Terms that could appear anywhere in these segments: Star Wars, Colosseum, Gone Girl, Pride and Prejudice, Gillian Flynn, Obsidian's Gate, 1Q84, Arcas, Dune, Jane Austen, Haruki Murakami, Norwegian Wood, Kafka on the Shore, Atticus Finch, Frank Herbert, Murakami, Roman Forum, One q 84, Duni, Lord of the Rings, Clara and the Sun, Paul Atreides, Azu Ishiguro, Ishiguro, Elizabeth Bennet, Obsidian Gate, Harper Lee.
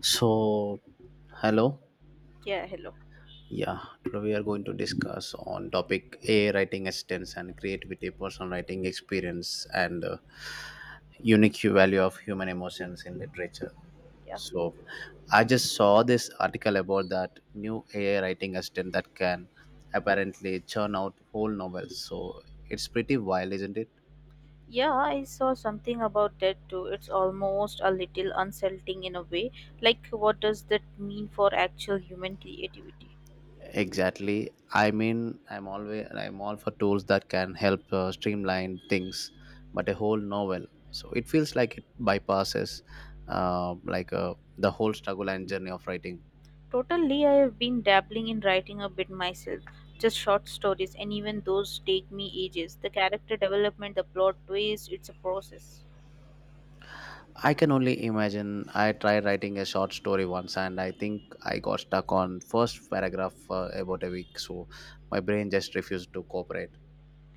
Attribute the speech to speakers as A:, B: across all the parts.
A: So, hello.
B: Yeah, hello.
A: Yeah, today we are going to discuss on topic AI writing assistance and creativity, personal writing experience, and unique value of human emotions in literature.
B: Yeah.
A: So, I just saw this article about that new AI writing assistant that can apparently churn out whole novels. So, it's pretty wild, isn't it?
B: Yeah, I saw something about that too. It's almost a little unsettling in a way. Like, what does that mean for actual human creativity?
A: Exactly. I mean, I'm all for tools that can help streamline things, but a whole novel. So it feels like it bypasses, the whole struggle and journey of writing.
B: Totally, I have been dabbling in writing a bit myself. Just short stories, and even those take me ages. The character development, the plot twist, it's a process.
A: I can only imagine. I tried writing a short story once, and I think I got stuck on first paragraph about a week. So my brain just refused to cooperate.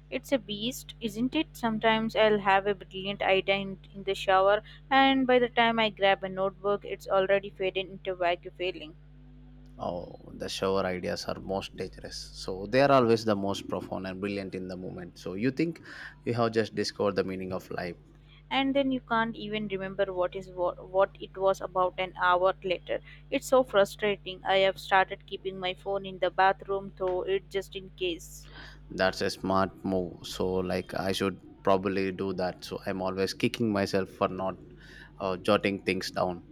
B: It's a beast, isn't it? Sometimes I'll have a brilliant idea in the shower, and by the time I grab a notebook, it's already faded into vague feeling.
A: Oh, the shower ideas are most dangerous. So they are always the most profound and brilliant in the moment. So you think you have just discovered the meaning of life.
B: And then you can't even remember what is what it was about an hour later. It's so frustrating. I have started keeping my phone in the bathroom, though, it just in case.
A: That's a smart move. So like I should probably do that. So I'm always kicking myself for not jotting things down.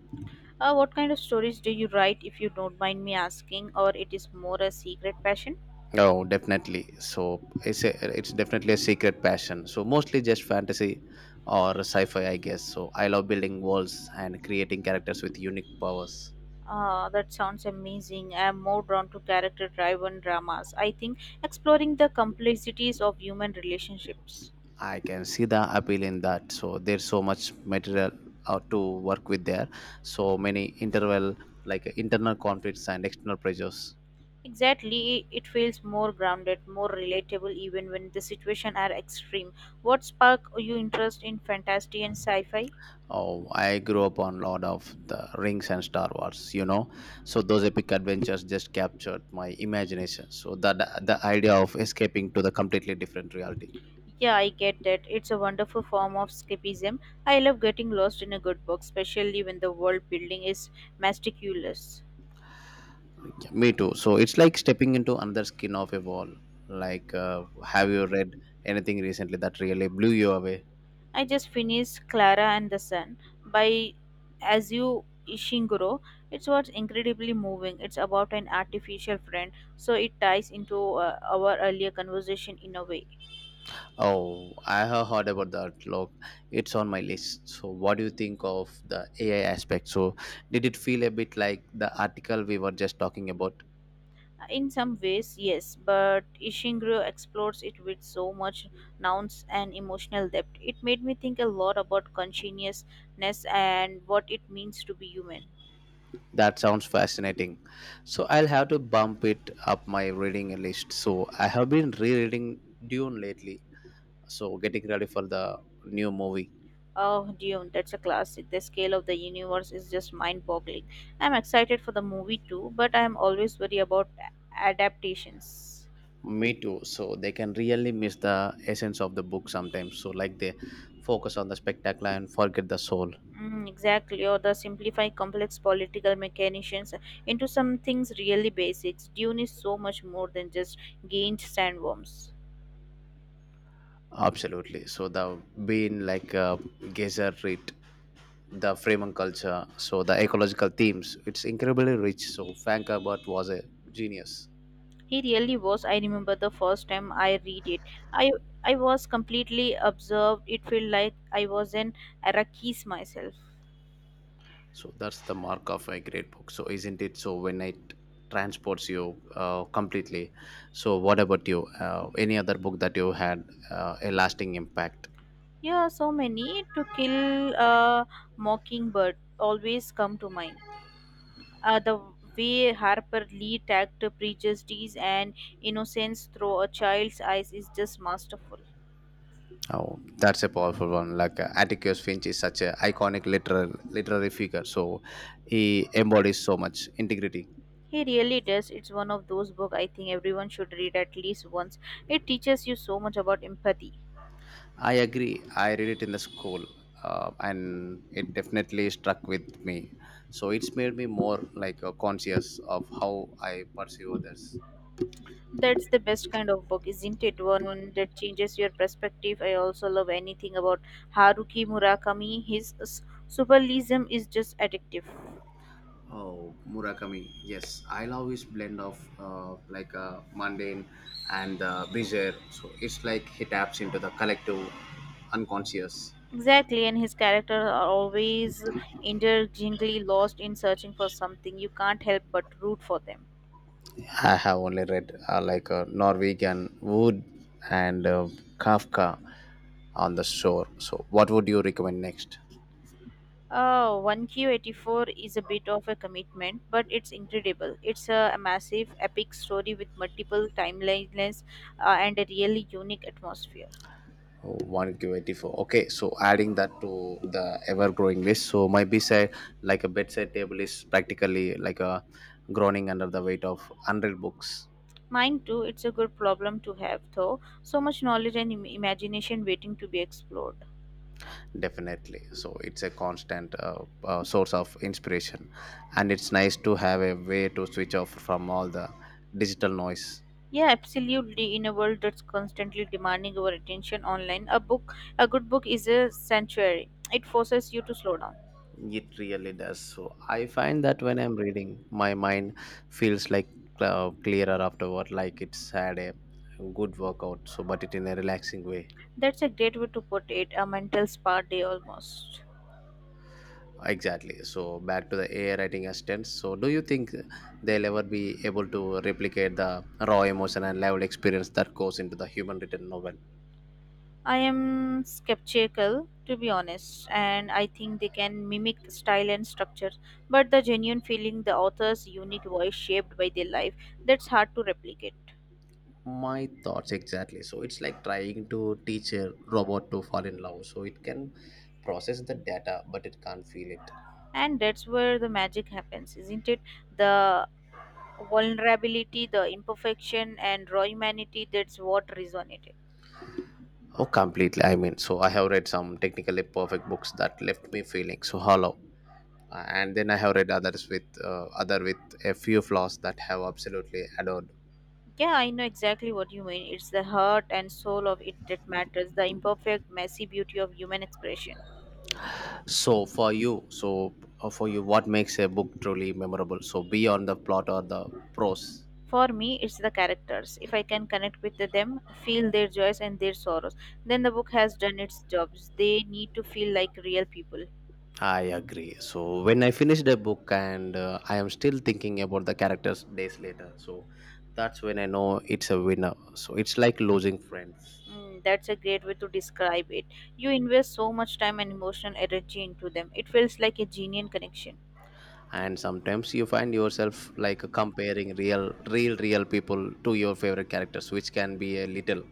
B: What kind of stories do you write, if you don't mind me asking, or it is more a secret passion?
A: Oh, definitely. So it's definitely a secret passion. So mostly just fantasy or sci-fi, I guess. So I love building worlds and creating characters with unique powers.
B: Ah, that sounds amazing. I am more drawn to character driven dramas. I think exploring the complexities of human relationships.
A: I can see the appeal in that. So there's so much material to work with there. So many interval like internal conflicts and external pressures.
B: Exactly, it feels more grounded, more relatable even when the situation are extreme. What sparked your interest in fantasy and sci-fi?
A: Oh, I grew up on Lord of the Rings and Star Wars. So those epic adventures just captured my imagination. So that the idea of escaping to the completely different reality.
B: Yeah, I get that. It's a wonderful form of escapism. I love getting lost in a good book, especially when the world building is meticulous.
A: Yeah, me too. So it's like stepping into another skin of a wall. Like, have you read anything recently that really blew you away?
B: I just finished Clara and the Sun by Azu Ishiguro. It's what's incredibly moving. It's about an artificial friend, so it ties into our earlier conversation in a way.
A: Oh, I have heard about that. Look, it's on my list. So, what do you think of the AI aspect? So, did it feel a bit like the article we were just talking about?
B: In some ways, yes, but Ishingro explores it with so much nuance and emotional depth. It made me think a lot about consciousness and what it means to be human.
A: That sounds fascinating. So, I'll have to bump it up my reading list. So, I have been rereading Dune lately. So, getting ready for the new movie.
B: Oh, Dune, that's a classic. The scale of the universe is just mind boggling. I'm excited for the movie too, but I'm always worried about adaptations.
A: Me too. So, they can really miss the essence of the book sometimes. So, like they focus on the spectacular and forget the soul.
B: Mm, exactly, or the simplify complex political mechanisms into some things really basics. Dune is so much more than just gained sandworms.
A: Absolutely. So the being like a geyser rate, the Freeman culture, so the ecological themes, it's incredibly rich. So Frank Herbert was a genius.
B: He really was. I remember the first time I read it. I I was completely absorbed. It felt like I was an Iraqis myself.
A: So that's the mark of a great book. So isn't it? So when it transports you completely. So what about you? Any other book that you had a lasting impact?
B: Yeah, so many to kill a mockingbird always come to mind. The way Harper Lee tagged prejudice and innocence through a child's eyes is just masterful.
A: Oh, that's a powerful one. Like, Atticus Finch is such a iconic literary figure. So he embodies so much integrity.
B: He really does. It's one of those books I think everyone should read at least once. It teaches you so much about empathy.
A: I agree. I read it in the school, and it definitely struck with me. So it's made me more like conscious of how I perceive others.
B: That's the best kind of book, isn't it? One that changes your perspective. I also love anything about Haruki Murakami. His surrealism is just addictive.
A: Oh, Murakami. Yes, I love his blend of mundane and bizarre. So it's like he taps into the collective unconscious.
B: Exactly, and his characters are always indulgently lost in searching for something. You can't help but root for them.
A: I have only read Norwegian Wood and Kafka on the shore. So what would you recommend next?
B: Oh, 1Q84 is a bit of a commitment, but it's incredible. It's a massive, epic story with multiple timelines and a really unique atmosphere.
A: Oh, 1Q84. Okay, so adding that to the ever growing list. So my beside, like a bedside table, is practically like a groaning under the weight of 100 books.
B: Mine too, it's a good problem to have, though. So much knowledge and imagination waiting to be explored.
A: Definitely. So it's a constant source of inspiration. And it's nice to have a way to switch off from all the digital noise.
B: Yeah, absolutely. In a world that's constantly demanding our attention online, a book, a good book is a sanctuary. It forces you to slow down.
A: It really does. So I find that when I'm reading, my mind feels like clearer afterward, like it's had a good workout. So, but it in a relaxing way.
B: That's a great way to put it, a mental spa day almost.
A: Exactly. So back to the AI writing assistants. So do you think they'll ever be able to replicate the raw emotion and level experience that goes into the human written novel?
B: I am skeptical, to be honest, and I think they can mimic style and structure, but the genuine feeling, the author's unique voice shaped by their life, that's hard to replicate.
A: My thoughts exactly. So it's like trying to teach a robot to fall in love. So it can process the data, but it can't feel it.
B: And that's where the magic happens, isn't it? The vulnerability, the imperfection and raw humanity, that's what resonated.
A: Oh, completely. I mean, so I have read some technically perfect books that left me feeling so hollow. And then I have read other with a few flaws that have absolutely adored.
B: Yeah, I know exactly what you mean. It's the heart and soul of it that matters, the imperfect messy beauty of human expression.
A: So for you, what makes a book truly memorable? So beyond the plot or the prose.
B: For me it's the characters. If I can connect with them, feel their joys and their sorrows, then the book has done its jobs. They need to feel like real people.
A: I agree. So when I finished a book and I am still thinking about the characters days later, so that's when I know it's a winner. So it's like losing friends.
B: Mm, that's a great way to describe it. You invest so much time and emotional energy into them. It feels like a genuine connection.
A: And sometimes you find yourself like comparing real people to your favorite characters, which can be a little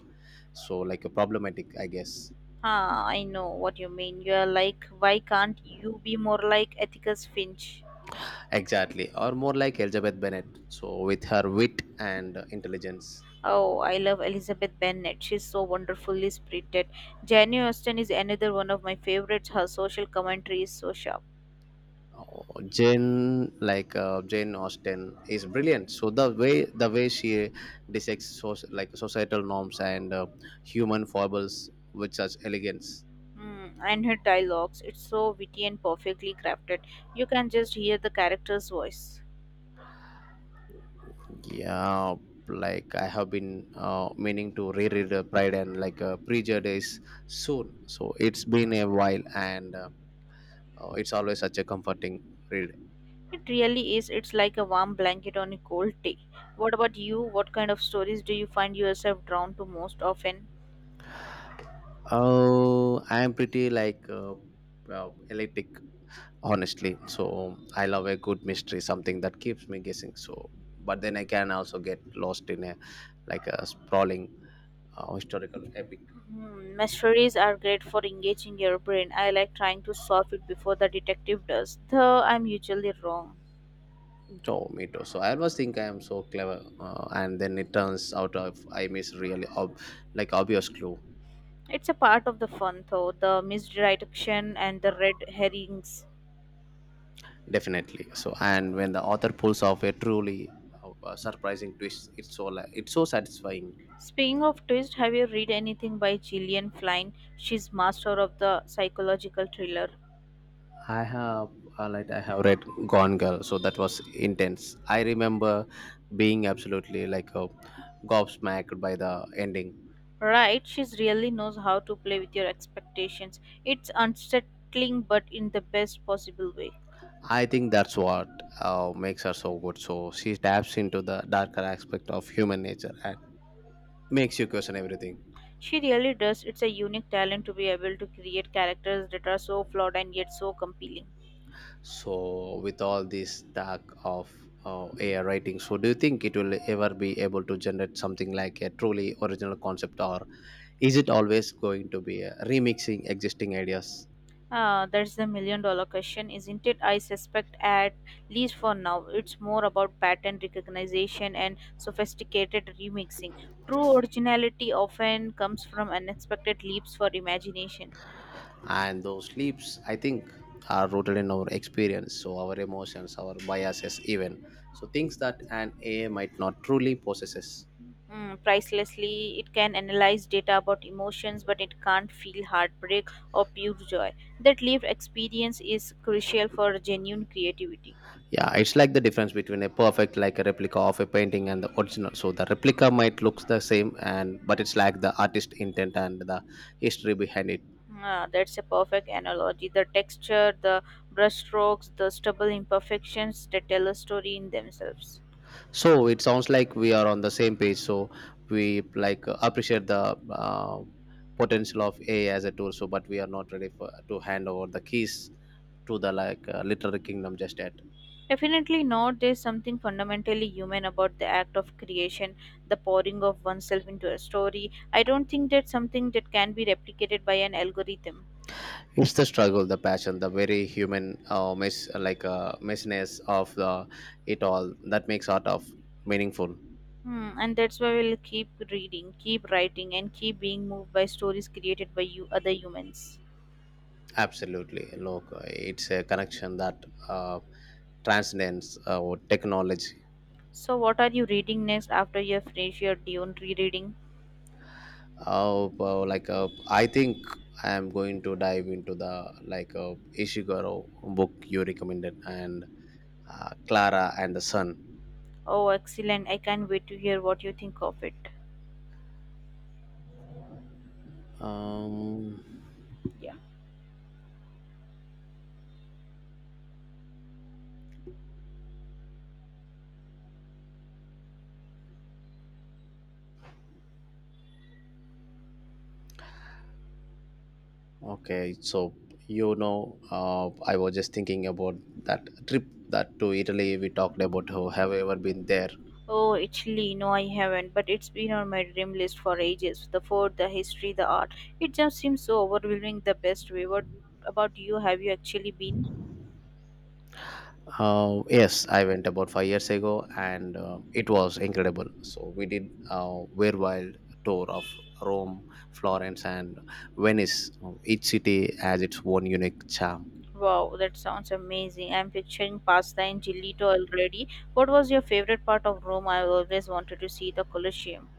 A: so like a problematic, I guess.
B: Ah, I know what you mean. You are like, why can't you be more like Atticus Finch?
A: Exactly, or more like Elizabeth Bennet. So with her wit and intelligence,
B: Oh, I love Elizabeth Bennet. She's so wonderfully spirited. Jane Austen is another one of my favorites. Her social commentary is so sharp.
A: oh, Jane Austen is brilliant. So the way she dissects societal norms and human foibles with such elegance.
B: Mm, and her dialogues, it's so witty and perfectly crafted. You can just hear the character's voice.
A: Yeah, like I have been meaning to reread Pride and Prejudice soon. So it's been a while, and it's always such a comforting read.
B: It really is. It's like a warm blanket on a cold day. What about you? What kind of stories do you find yourself drawn to most often?
A: Oh, I'm pretty eclectic, honestly. So I love a good mystery, something that keeps me guessing. So, but then I can also get lost in a sprawling historical epic.
B: Hmm, mysteries are great for engaging your brain. I like trying to solve it before the detective does, though I'm usually wrong.
A: So me too. So I always think I am so clever, and then it turns out of I miss really obvious clue.
B: It's a part of the fun, though, the misdirection and the red herrings.
A: Definitely. So and when the author pulls off a truly surprising twist, it's so satisfying.
B: Speaking of twist, have you read anything by Gillian Flynn? She's master of the psychological thriller.
A: I have I have read Gone Girl, so that was intense. I remember being absolutely gobsmacked by the ending.
B: Right, she really knows how to play with your expectations. It's unsettling, but in the best possible way.
A: I think that's what makes her so good. So she taps into the darker aspect of human nature and makes you question everything.
B: She really does. It's a unique talent to be able to create characters that are so flawed and yet so compelling.
A: So with all this talk of AI writing, so do you think it will ever be able to generate something like a truly original concept, or is it always going to be remixing existing ideas?
B: Ah, that's the million dollar question, isn't it? I suspect, at least for now, it's more about pattern recognition and sophisticated remixing. True originality often comes from unexpected leaps for imagination.
A: And those sleeps, I think, are rooted in our experience, so our emotions, our biases even. So things that an AI might not truly possesses.
B: Mm, pricelessly, it can analyze data about emotions, but it can't feel heartbreak or pure joy. That lived experience is crucial for genuine creativity.
A: Yeah, it's like the difference between a perfect like a replica of a painting and the original. So the replica might looks the same, and but it's like the artist intent and the history behind it.
B: Ah, that's a perfect analogy. The texture, the brushstrokes, the stubble imperfections that tell a story in themselves.
A: So it sounds like we are on the same page. So we appreciate the potential of AI as a tool. So, but we are not ready for to hand over the keys to the literary kingdom just yet.
B: Definitely not. There's something fundamentally human about the act of creation, the pouring of oneself into a story. I don't think that's something that can be replicated by an algorithm.
A: It's the struggle, the passion, the very human messiness of the it all that makes art of meaningful.
B: Hmm, and that's why we'll keep reading, keep writing, and keep being moved by stories created by you other humans.
A: Absolutely, look, it's a connection that uh, transcends technology.
B: So, what are you reading next after you have finished your Dune rereading?
A: Oh, wow, I think I am going to dive into the Ishiguro book you recommended and Clara and the Sun.
B: Oh, excellent! I can't wait to hear what you think of it.
A: Um,
B: Yeah.
A: okay, so I was just thinking about that trip that to Italy we talked about. Have ever been there?
B: Oh, actually, no, I haven't, but it's been on my dream list for ages. The food, the history, the art. It just seems so overwhelming the best way. What about you? Have you actually been?
A: Yes, I went about 5 years ago, and it was incredible. So we did a very wild tour of Rome, Florence, and Venice. Each city has its own unique charm.
B: Wow, that sounds amazing. I'm picturing pasta and gelato already. What was your favorite part of Rome? I always wanted to see the Colosseum.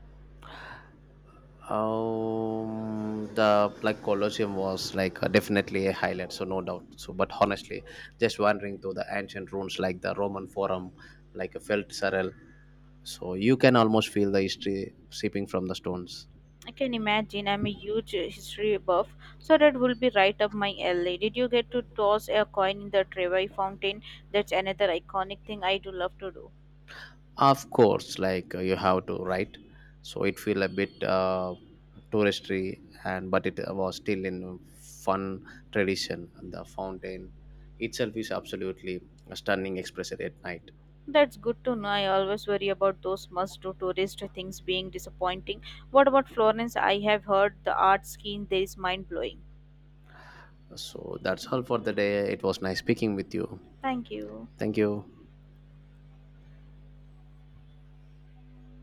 A: The Colosseum was definitely a highlight, so no doubt. So, but honestly, just wandering through the ancient ruins like the Roman Forum, like a felt surreal. So you can almost feel the history seeping from the stones.
B: I can imagine. I'm a huge history buff, so that will be right up my alley. Did you get to toss a coin in the Trevi fountain? That's another iconic thing I do love to do.
A: Of course, you have to, right? So it feel a bit touristy, and but it was still in fun tradition. And the fountain itself is absolutely a stunning expression at night.
B: That's good to know. I always worry about those must-do tourist things being disappointing. What about Florence? I have heard the art scene there is mind-blowing.
A: So that's all for the day. It was nice speaking with you.
B: Thank you.
A: Thank you.